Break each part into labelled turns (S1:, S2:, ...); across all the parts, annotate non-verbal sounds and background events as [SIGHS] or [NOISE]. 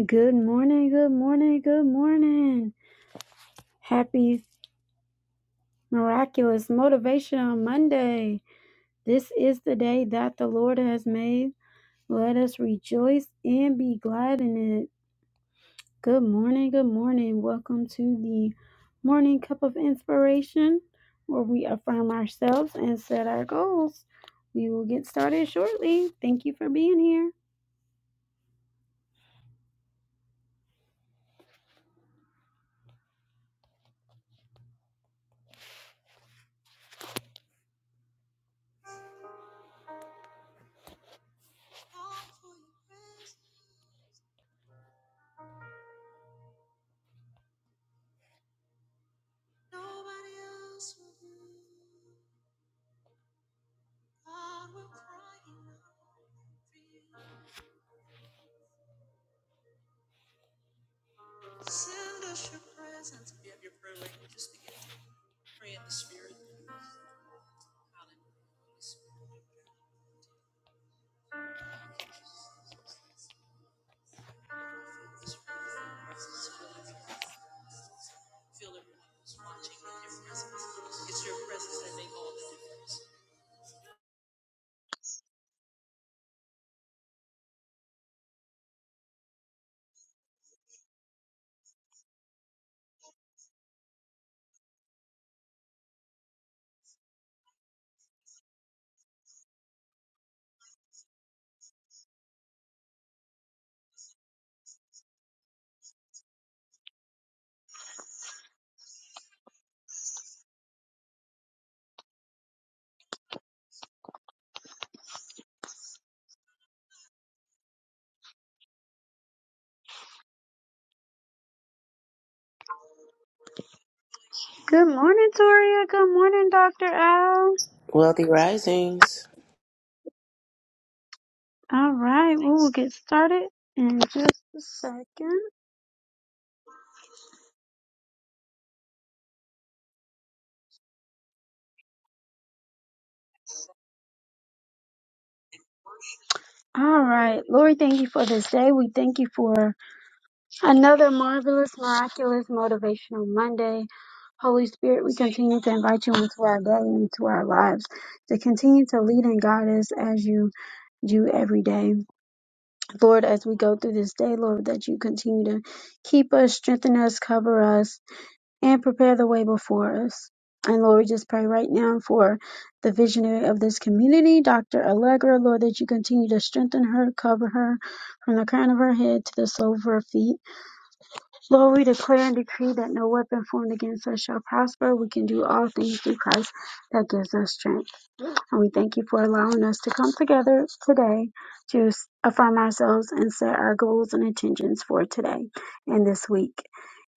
S1: Good morning, good morning, good morning. Happy Miraculous Motivational Monday. This is the day that the Lord has made. Let us rejoice and be glad in it. Good morning, good morning. Welcome to the Morning Cup of Inspiration, where we affirm ourselves and set our goals. We will get started shortly. Thank you for being here. Good morning, Toria. Good morning, Dr. Al.
S2: Wealthy Risings.
S1: All right, we will get started in just a second. All right, Lord, thank you for this day. We thank you for another marvelous, miraculous, motivational Monday. Holy Spirit, we continue to invite you into our day and into our lives to continue to lead and guide us as you do every day. Lord, as we go through this day, Lord, that you continue to keep us, strengthen us, cover us, and prepare the way before us. And Lord, we just pray right now for the visionary of this community, Dr. Allegra, Lord, that you continue to strengthen her, cover her from the crown of her head to the sole of her feet. Lord, we declare and decree that no weapon formed against us shall prosper. We can do all things through Christ that gives us strength. And we thank you for allowing us to come together today to s- affirm ourselves and set our goals and intentions for today and this week.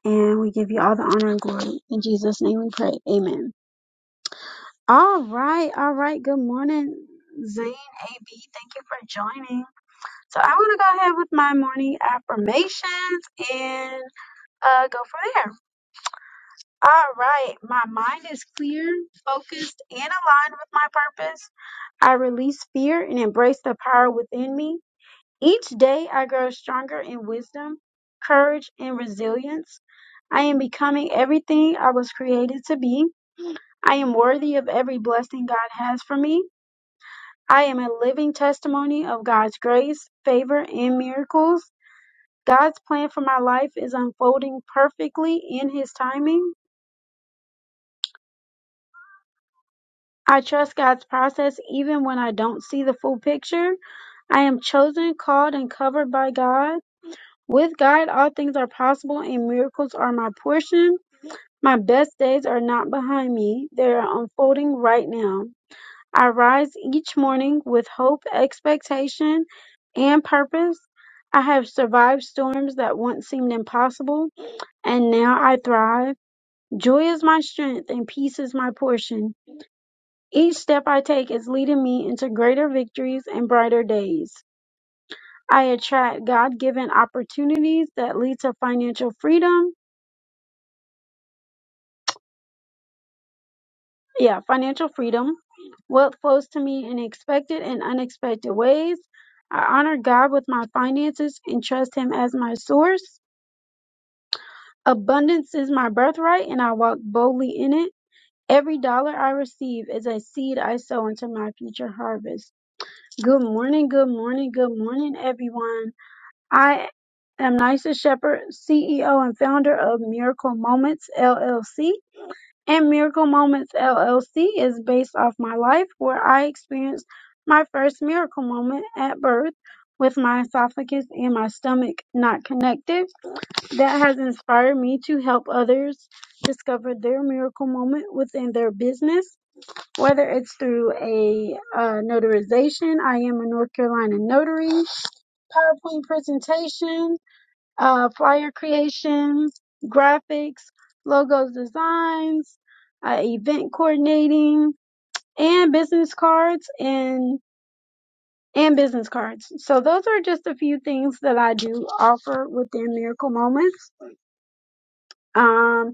S1: And we give you all the honor and glory. In Jesus' name we pray. Amen. All right. All right. Good morning, Zane AB. Thank you for joining. So I want to go ahead with my morning affirmations and uh, go from there. All right. My mind is clear, focused, and aligned with my purpose. I release fear and embrace the power within me. Each day I grow stronger in wisdom, courage, and resilience. I am becoming everything I was created to be. I am worthy of every blessing God has for me. I am a living testimony of God's grace, favor, and miracles. God's plan for my life is unfolding perfectly in His timing. I trust God's process even when I don't see the full picture. I am chosen, called, and covered by God. With God, all things are possible and miracles are my portion. My best days are not behind me, they are unfolding right now. I rise each morning with hope, expectation, and purpose. I have survived storms that once seemed impossible, and now I thrive. Joy is my strength, and peace is my portion. Each step I take is leading me into greater victories and brighter days. I attract God given opportunities that lead to financial freedom yeah, financial freedom. Wealth flows to me in expected and unexpected ways. I honor God with my finances and trust Him as my source. Abundance is my birthright, and I walk boldly in it. Every dollar I receive is a seed I sow into my future harvest. Good morning, good morning, good morning, everyone. I am Nysa Shepherd, CEO and founder of Miracle Moments LLC. and Miracle Moments LLC is based off my life where I experienced my first miracle moment at birth with my esophagus and my stomach not connected. That has inspired me to help others discover their miracle moment within their business, whether it's through a uh, notarization. I am a North Carolina notary, PowerPoint presentation, uh, flyer creations, graphics, logos designs, uh, event coordinating, and business cards and and business cards. So those are just a few things that I do offer within Miracle Moments. Um,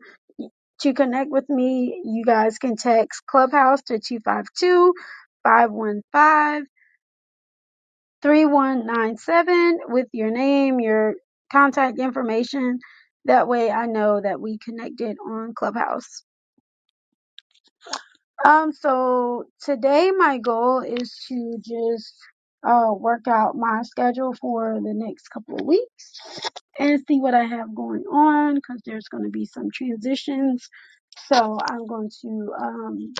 S1: to connect with me, you guys can text Clubhouse to 252 3197 with your name, your contact information. That way I know that we connected on Clubhouse. Um, so today my goal is to just uh, work out my schedule for the next couple of weeks and see what I have going on because there's going to be some transitions. So I'm going to um,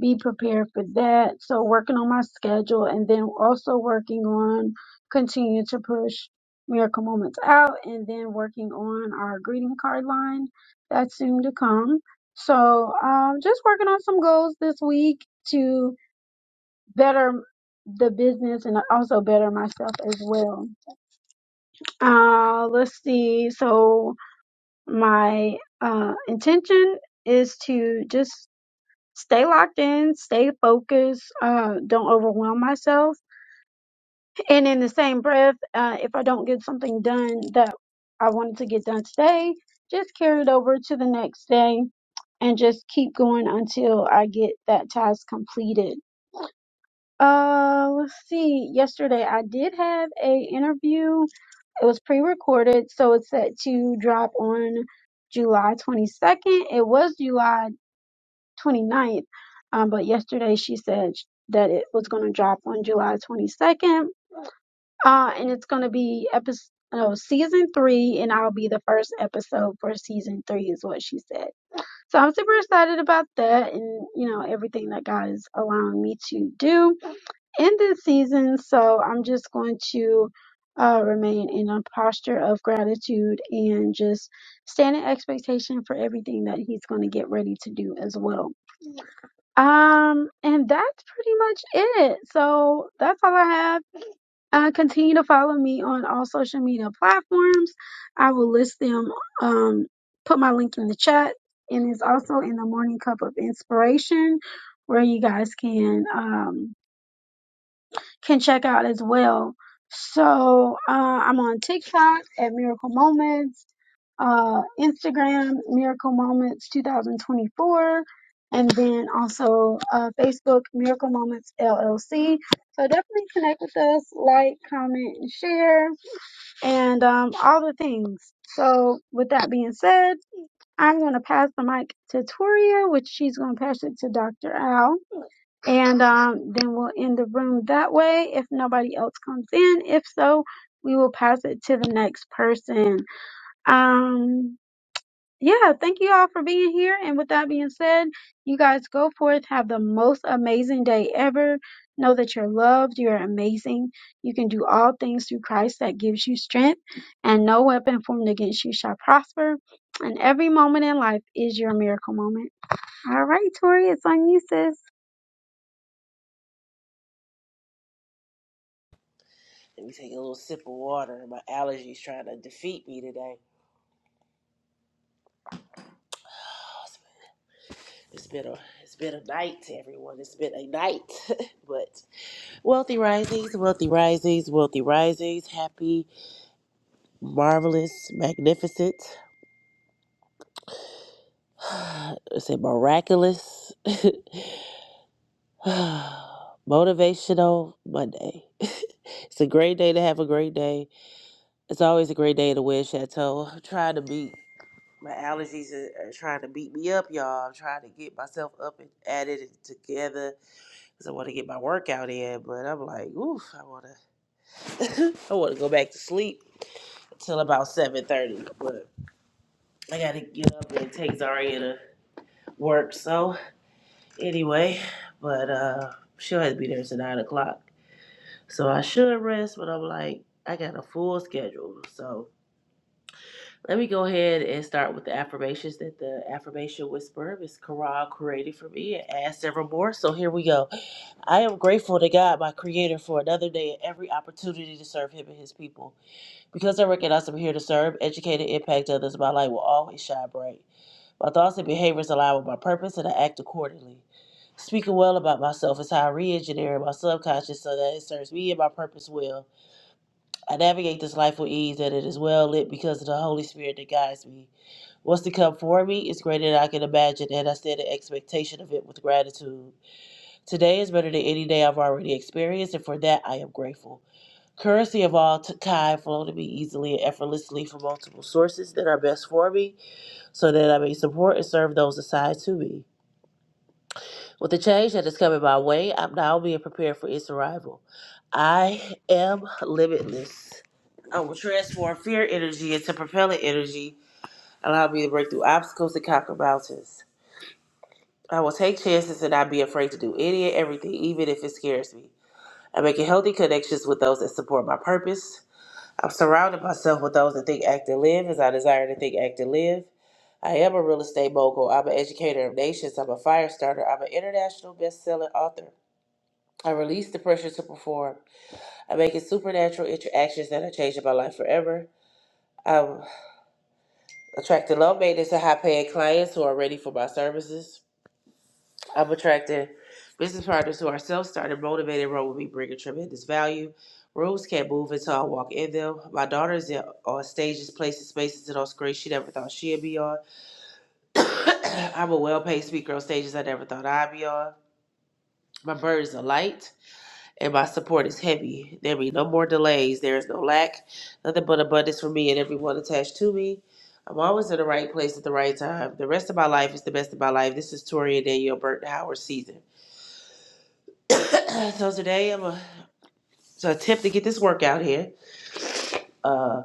S1: be prepared for that. So working on my schedule and then also working on continue to push miracle moments out and then working on our greeting card line that's soon to come. So um just working on some goals this week to better the business and also better myself as well. Uh let's see. So my uh intention is to just stay locked in, stay focused, uh, don't overwhelm myself. And in the same breath, uh, if I don't get something done that I wanted to get done today, just carry it over to the next day and just keep going until I get that task completed. Uh, let's see. Yesterday I did have a interview. It was pre-recorded, so it's set to drop on July 22nd. It was July 29th. Um, but yesterday she said sh- that it was going to drop on July 22nd. Uh, and it's going to be episode, no, season three, and I'll be the first episode for season three, is what she said. So I'm super excited about that and, you know, everything that God is allowing me to do in this season. So I'm just going to uh, remain in a posture of gratitude and just stand in expectation for everything that He's going to get ready to do as well. Um, and that's pretty much it. So that's all I have. Uh, continue to follow me on all social media platforms. I will list them. Um, put my link in the chat, and it's also in the Morning Cup of Inspiration, where you guys can um can check out as well. So uh, I'm on TikTok at Miracle Moments uh, Instagram, Miracle Moments 2024, and then also uh, Facebook, Miracle Moments LLC. So definitely connect with us, like, comment, and share, and um, all the things. So, with that being said, I'm going to pass the mic to Toria, which she's going to pass it to Dr. Al. And um, then we'll end the room that way if nobody else comes in. If so, we will pass it to the next person. Um, yeah, thank you all for being here. And with that being said, you guys go forth, have the most amazing day ever. Know that you're loved, you're amazing. You can do all things through Christ that gives you strength, and no weapon formed against you shall prosper. And every moment in life is your miracle moment. All right, Tori, it's on you, sis.
S2: Let me take a little sip of water. My allergies trying to defeat me today. It's been a it's been a night, everyone. It's been a night. [LAUGHS] but wealthy risings, wealthy risings, wealthy risings. Happy, marvelous, magnificent. [SIGHS] I a miraculous, [SIGHS] motivational Monday. [LAUGHS] it's a great day to have a great day. It's always a great day in the Wind Chateau. I'm trying to be. My allergies are, are trying to beat me up, y'all. I'm trying to get myself up and at it and together because I want to get my workout in. But I'm like, oof, I want to. I want to go back to sleep till about seven thirty. But I got to get up and take Zaria to work. So anyway, but uh, she'll have to be there till nine o'clock. So I should rest, but I'm like, I got a full schedule, so. Let me go ahead and start with the affirmations that the affirmation whisperer, Miss Corral, created for me and add several more. So here we go. I am grateful to God, my creator, for another day and every opportunity to serve him and his people. Because I recognize I'm here to serve, educate, and impact others, my light will always shine bright. My thoughts and behaviors align with my purpose and I act accordingly. Speaking well about myself is how I re engineer my subconscious so that it serves me and my purpose well. I navigate this life with ease, that it is well lit because of the Holy Spirit that guides me. What's to come for me is greater than I can imagine, and I stand in expectation of it with gratitude. Today is better than any day I've already experienced, and for that I am grateful. Currency of all t- kind flow to me easily and effortlessly from multiple sources that are best for me, so that I may support and serve those assigned to me. With the change that is coming my way, I'm now being prepared for its arrival. I am limitless. I will transform fear energy into propellant energy, allow me to break through obstacles and conquer mountains. I will take chances and not be afraid to do any and everything, even if it scares me. I'm making healthy connections with those that support my purpose. I'm surrounding myself with those that think, act, and live as I desire to think, act, and live. I am a real estate mogul. I'm an educator of nations. I'm a fire starter. I'm an international best-selling author. I release the pressure to perform. I make it supernatural interactions that are changing my life forever. I'm attracting low maintenance and high paying clients who are ready for my services. I'm attracting business partners who are self started, motivated, run with me, bringing tremendous value. Rooms can't move until I walk in them. My daughter's in, on stages, places, spaces, and on screens she never thought she'd be on. [COUGHS] I'm a well paid speaker on stages I never thought I'd be on. My bird is a light. and my support is heavy. There be no more delays. There is no lack, nothing but abundance for me and everyone attached to me. I'm always in the right place at the right time. The rest of my life is the best of my life. This is Tori and Danielle Burton Howard season. [CLEARS THROAT] so today I'm a to attempt to get this workout here. Uh,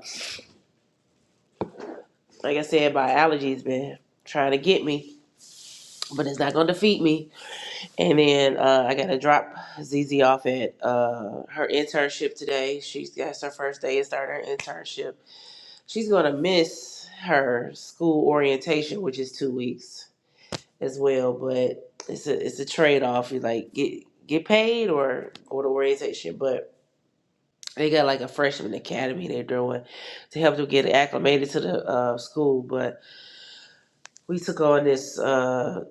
S2: like I said, my allergies been trying to get me, but it's not gonna defeat me. And then uh, I gotta drop ZZ off at uh, her internship today. She has got her first day and started her internship She's going to miss her school orientation, which is two weeks as well. But it's a it's a trade off. You like get get paid or go to orientation, but they got like a freshman academy they're doing to help them get acclimated to the uh, school. But we took on this uh,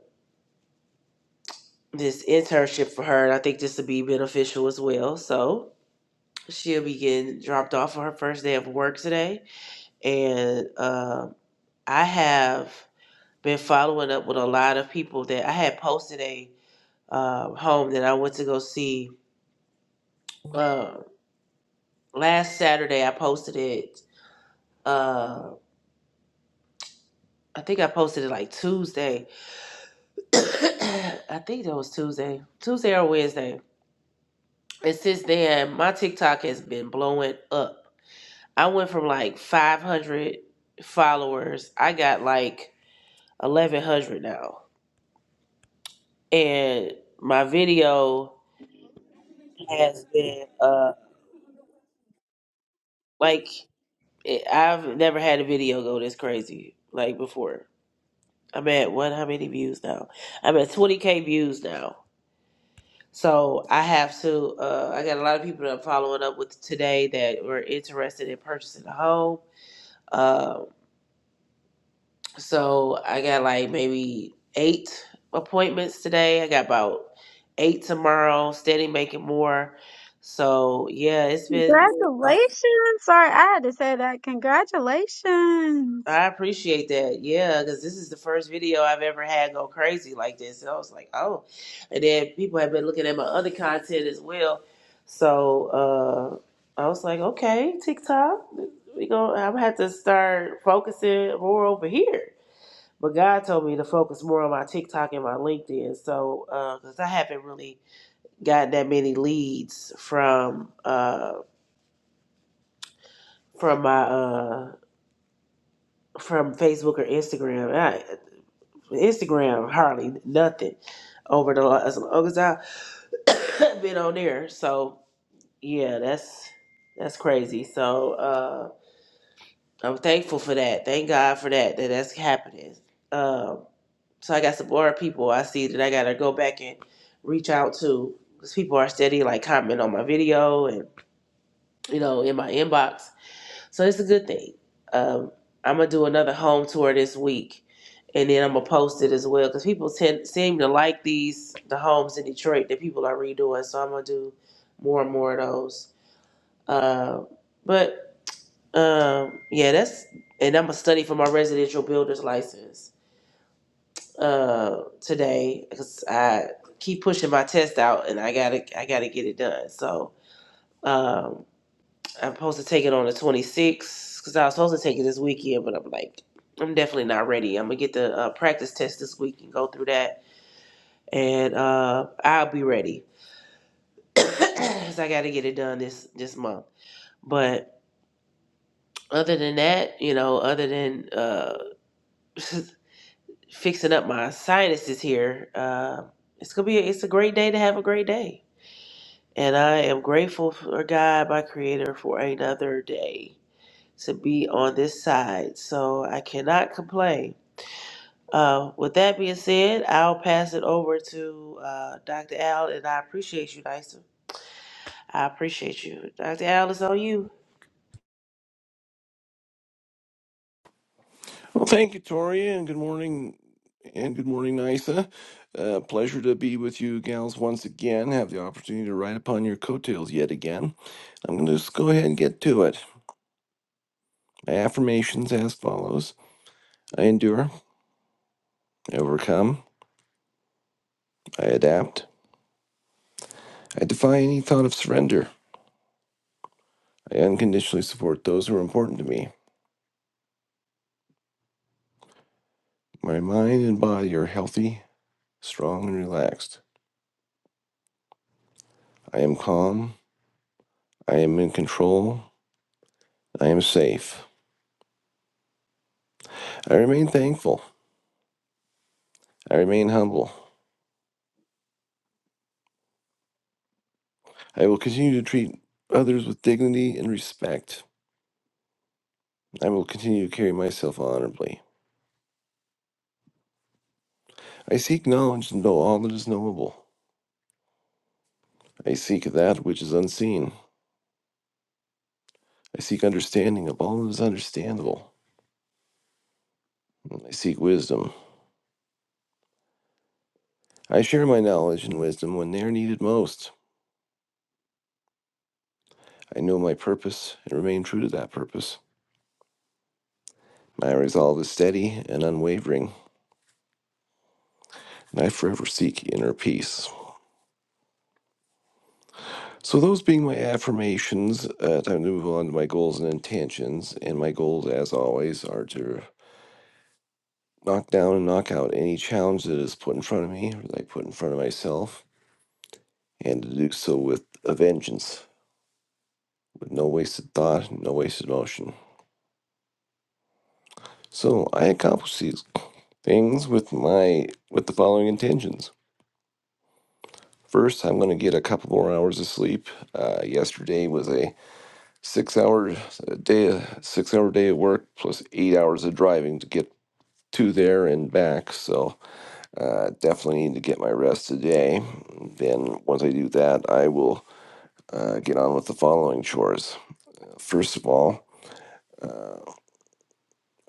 S2: this internship for her, and I think this will be beneficial as well. So she'll be getting dropped off on her first day of work today, and uh, I have. been following up with a lot of people that I had posted a uh, home that I went to go see uh, last Saturday. I posted it. Uh, I think I posted it like Tuesday. [COUGHS] I think that was Tuesday, Tuesday or Wednesday. And since then, my TikTok has been blowing up. I went from like 500 followers. I got like 1,100 now, and my video has been uh like It, I've never had a video go this crazy like before. I'm at what? How many views now? I'm at 20k views now. So I have to. Uh, I got a lot of people that I'm following up with today that were interested in purchasing a home. Uh, so I got like maybe eight appointments today. I got about eight tomorrow. Steady making more. So yeah, it's been.
S1: Congratulations. Sorry, I had to say that. Congratulations.
S2: I appreciate that. Yeah, because this is the first video I've ever had go crazy like this. And I was like, oh. And then people have been looking at my other content as well. So uh, I was like, okay, TikTok, we gonna, I'm gonna have to start focusing more over here. But God told me to focus more on my TikTok and my LinkedIn. So because I haven't really gotten that many leads from uh, from my uh, from Facebook or Instagram. Instagram hardly nothing over the last as long as I've [COUGHS] been on there. So yeah, that's that's crazy. So uh, I'm thankful for that. Thank God for that that that's happening. Um, so I got some more people I see that I gotta go back and reach out to because people are steady like commenting on my video and you know in my inbox So it's a good thing. Um, I'm gonna do another home tour this week, and then I'm gonna post it as well because people tend seem to like these the homes in Detroit that people are redoing. So I'm gonna do more and more of those. Uh, but um, yeah, that's and I'm gonna study for my residential builder's license uh, today because I keep pushing my test out and I gotta I gotta get it done. So. Um, I'm supposed to take it on the 26th because I was supposed to take it this weekend, but I'm like, I'm definitely not ready. I'm gonna get the uh, practice test this week and go through that, and uh, I'll be ready [COUGHS] because I got to get it done this this month. But other than that, you know, other than uh, [LAUGHS] fixing up my sinuses here, uh, it's gonna be a, it's a great day to have a great day, and I am grateful for God, my Creator, for another day. to be on this side. So I cannot complain. Uh, with that being said, I'll pass it over to uh, Dr. Al, and I appreciate you, Nysa. I appreciate you. Dr. Al, it's on you.
S3: Well, thank you, Toria, and good morning, and good morning, Nisa. Uh, pleasure to be with you, gals, once again. Have the opportunity to ride upon your coattails yet again. I'm going to just go ahead and get to it. My affirmations as follows: I endure, I overcome, I adapt, I defy any thought of surrender. I unconditionally support those who are important to me. My mind and body are healthy, strong, and relaxed. I am calm. I am in control. I am safe. I remain thankful. I remain humble. I will continue to treat others with dignity and respect. I will continue to carry myself honorably. I seek knowledge to know all that is knowable. I seek that which is unseen. I seek understanding of all that is understandable. I seek wisdom. I share my knowledge and wisdom when they are needed most. I know my purpose and remain true to that purpose. My resolve is steady and unwavering, and I forever seek inner peace. So, those being my affirmations, uh, time to move on to my goals and intentions. And my goals, as always, are to knock down and knock out any challenge that is put in front of me or that I put in front of myself, and to do so with a vengeance, with no wasted thought, no wasted motion. So, I accomplish these things with my with the following intentions. First, I'm going to get a couple more hours of sleep. Uh, yesterday was a six hour day, six hour day of work plus eight hours of driving to get to there and back. So uh, definitely need to get my rest today. Then once I do that, I will uh, get on with the following chores. First of all, uh,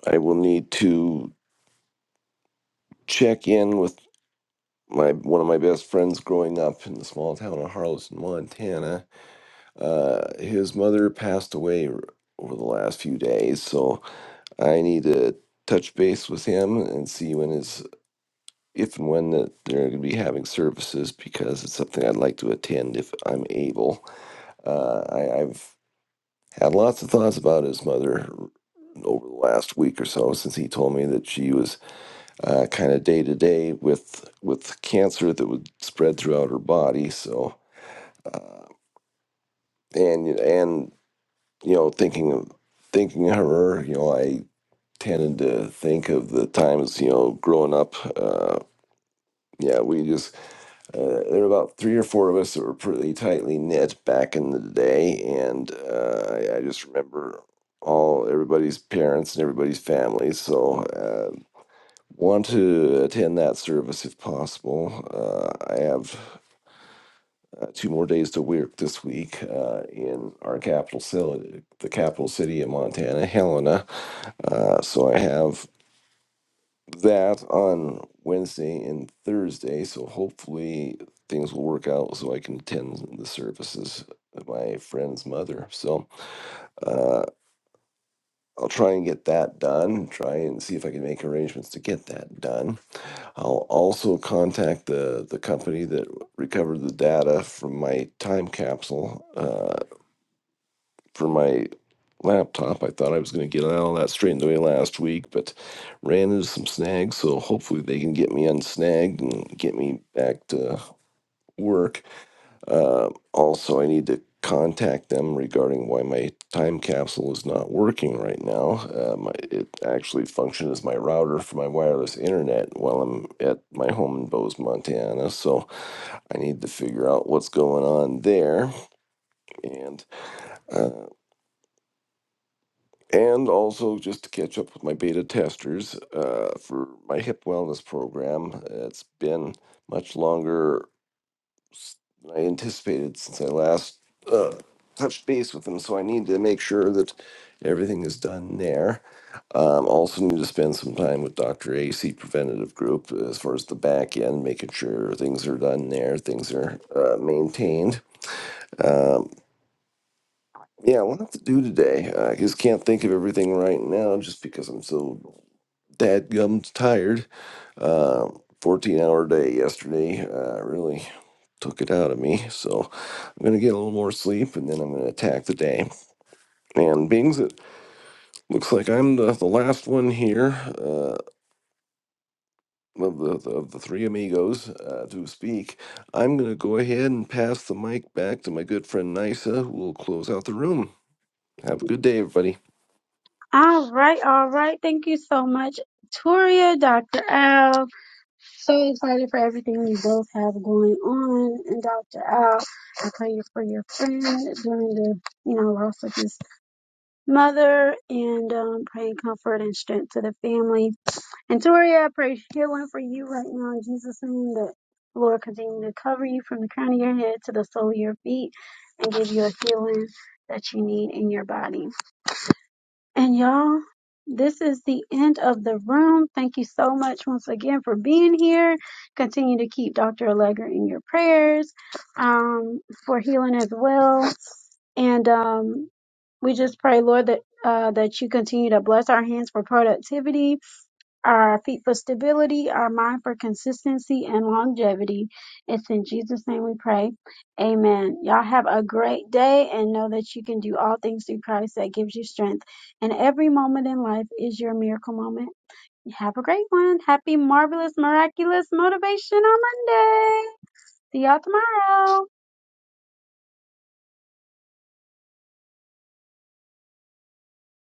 S3: I will need to check in with my one of my best friends growing up in the small town of Harleston, Montana. Uh, his mother passed away r- over the last few days, so I need to touch base with him and see when his if and when that they're going to be having services because it's something I'd like to attend if I'm able. Uh, I, I've had lots of thoughts about his mother over the last week or so since he told me that she was uh, kind of day to day with with cancer that would spread throughout her body. So uh, and and you know thinking of thinking of her, you know I tended to think of the times you know growing up. Uh, yeah, we just Uh, there were about three or four of us that were pretty tightly knit back in the day, and uh, I, I just remember all everybody's parents and everybody's families. So uh, want to attend that service if possible. Uh, I have uh, two more days to work this week uh, in our capital city, the capital city of Montana, Helena. Uh, so I have that on Wednesday and Thursday. So hopefully things will work out so I can attend the services of my friend's mother. So uh, I'll try and get that done. Try and see if I can make arrangements to get that done. I'll also contact the the company that recovered the data from my time capsule Uh, for my laptop. I thought I was going to get all that straightened away last week, but ran into some snags. So hopefully they can get me unsnagged and get me back to work. Uh, also, I need to contact them regarding why my time capsule is not working right now. Um, it actually functioned as my router for my wireless internet while I'm at my home in Bose, Montana. So I need to figure out what's going on there. And uh, and also just to catch up with my beta testers uh, for my hip wellness program. It's been much longer s- than I anticipated since I last uh, touched base with them, so I need to make sure that everything is done there. Um, also, need to spend some time with Dr. AC Preventative Group as far as the back end, making sure things are done there, things are uh, maintained. Um, yeah, a have to do today. I just can't think of everything right now just because I'm so dadgums tired. Um, 14 hour day yesterday uh, really took it out of me. So I'm going to get a little more sleep and then I'm going to attack the day. And being that looks like I'm the, the last one here uh, of, the, the- of the three amigos uh, to speak, I'm going to go ahead and pass the mic back to my good friend Nisa, who will close out the room. Have a good day, everybody.
S1: All right, all right. Thank you so much, Toria, Dr. Al. So excited for everything you both have going on. And Dr. Al, I pray you for your friend during the, you know, loss of his mother and um, praying comfort and strength to the family. And Toria, I pray healing for you right now in Jesus' name that Lord continue to cover you from the crown of your head to the sole of your feet and give you a healing that you need in your body. And y'all, this is the end of the room. Thank you so much once again for being here. Continue to keep Dr. Allegra in your prayers um, for healing as well. And um, we just pray, Lord, that uh, that you continue to bless our hands for productivity our feet for stability, our mind for consistency and longevity. It's in Jesus' name we pray. Amen. Y'all have a great day and know that you can do all things through Christ that gives you strength. And every moment in life is your miracle moment. Have a great one. Happy, marvelous, miraculous, motivational Monday. See y'all tomorrow.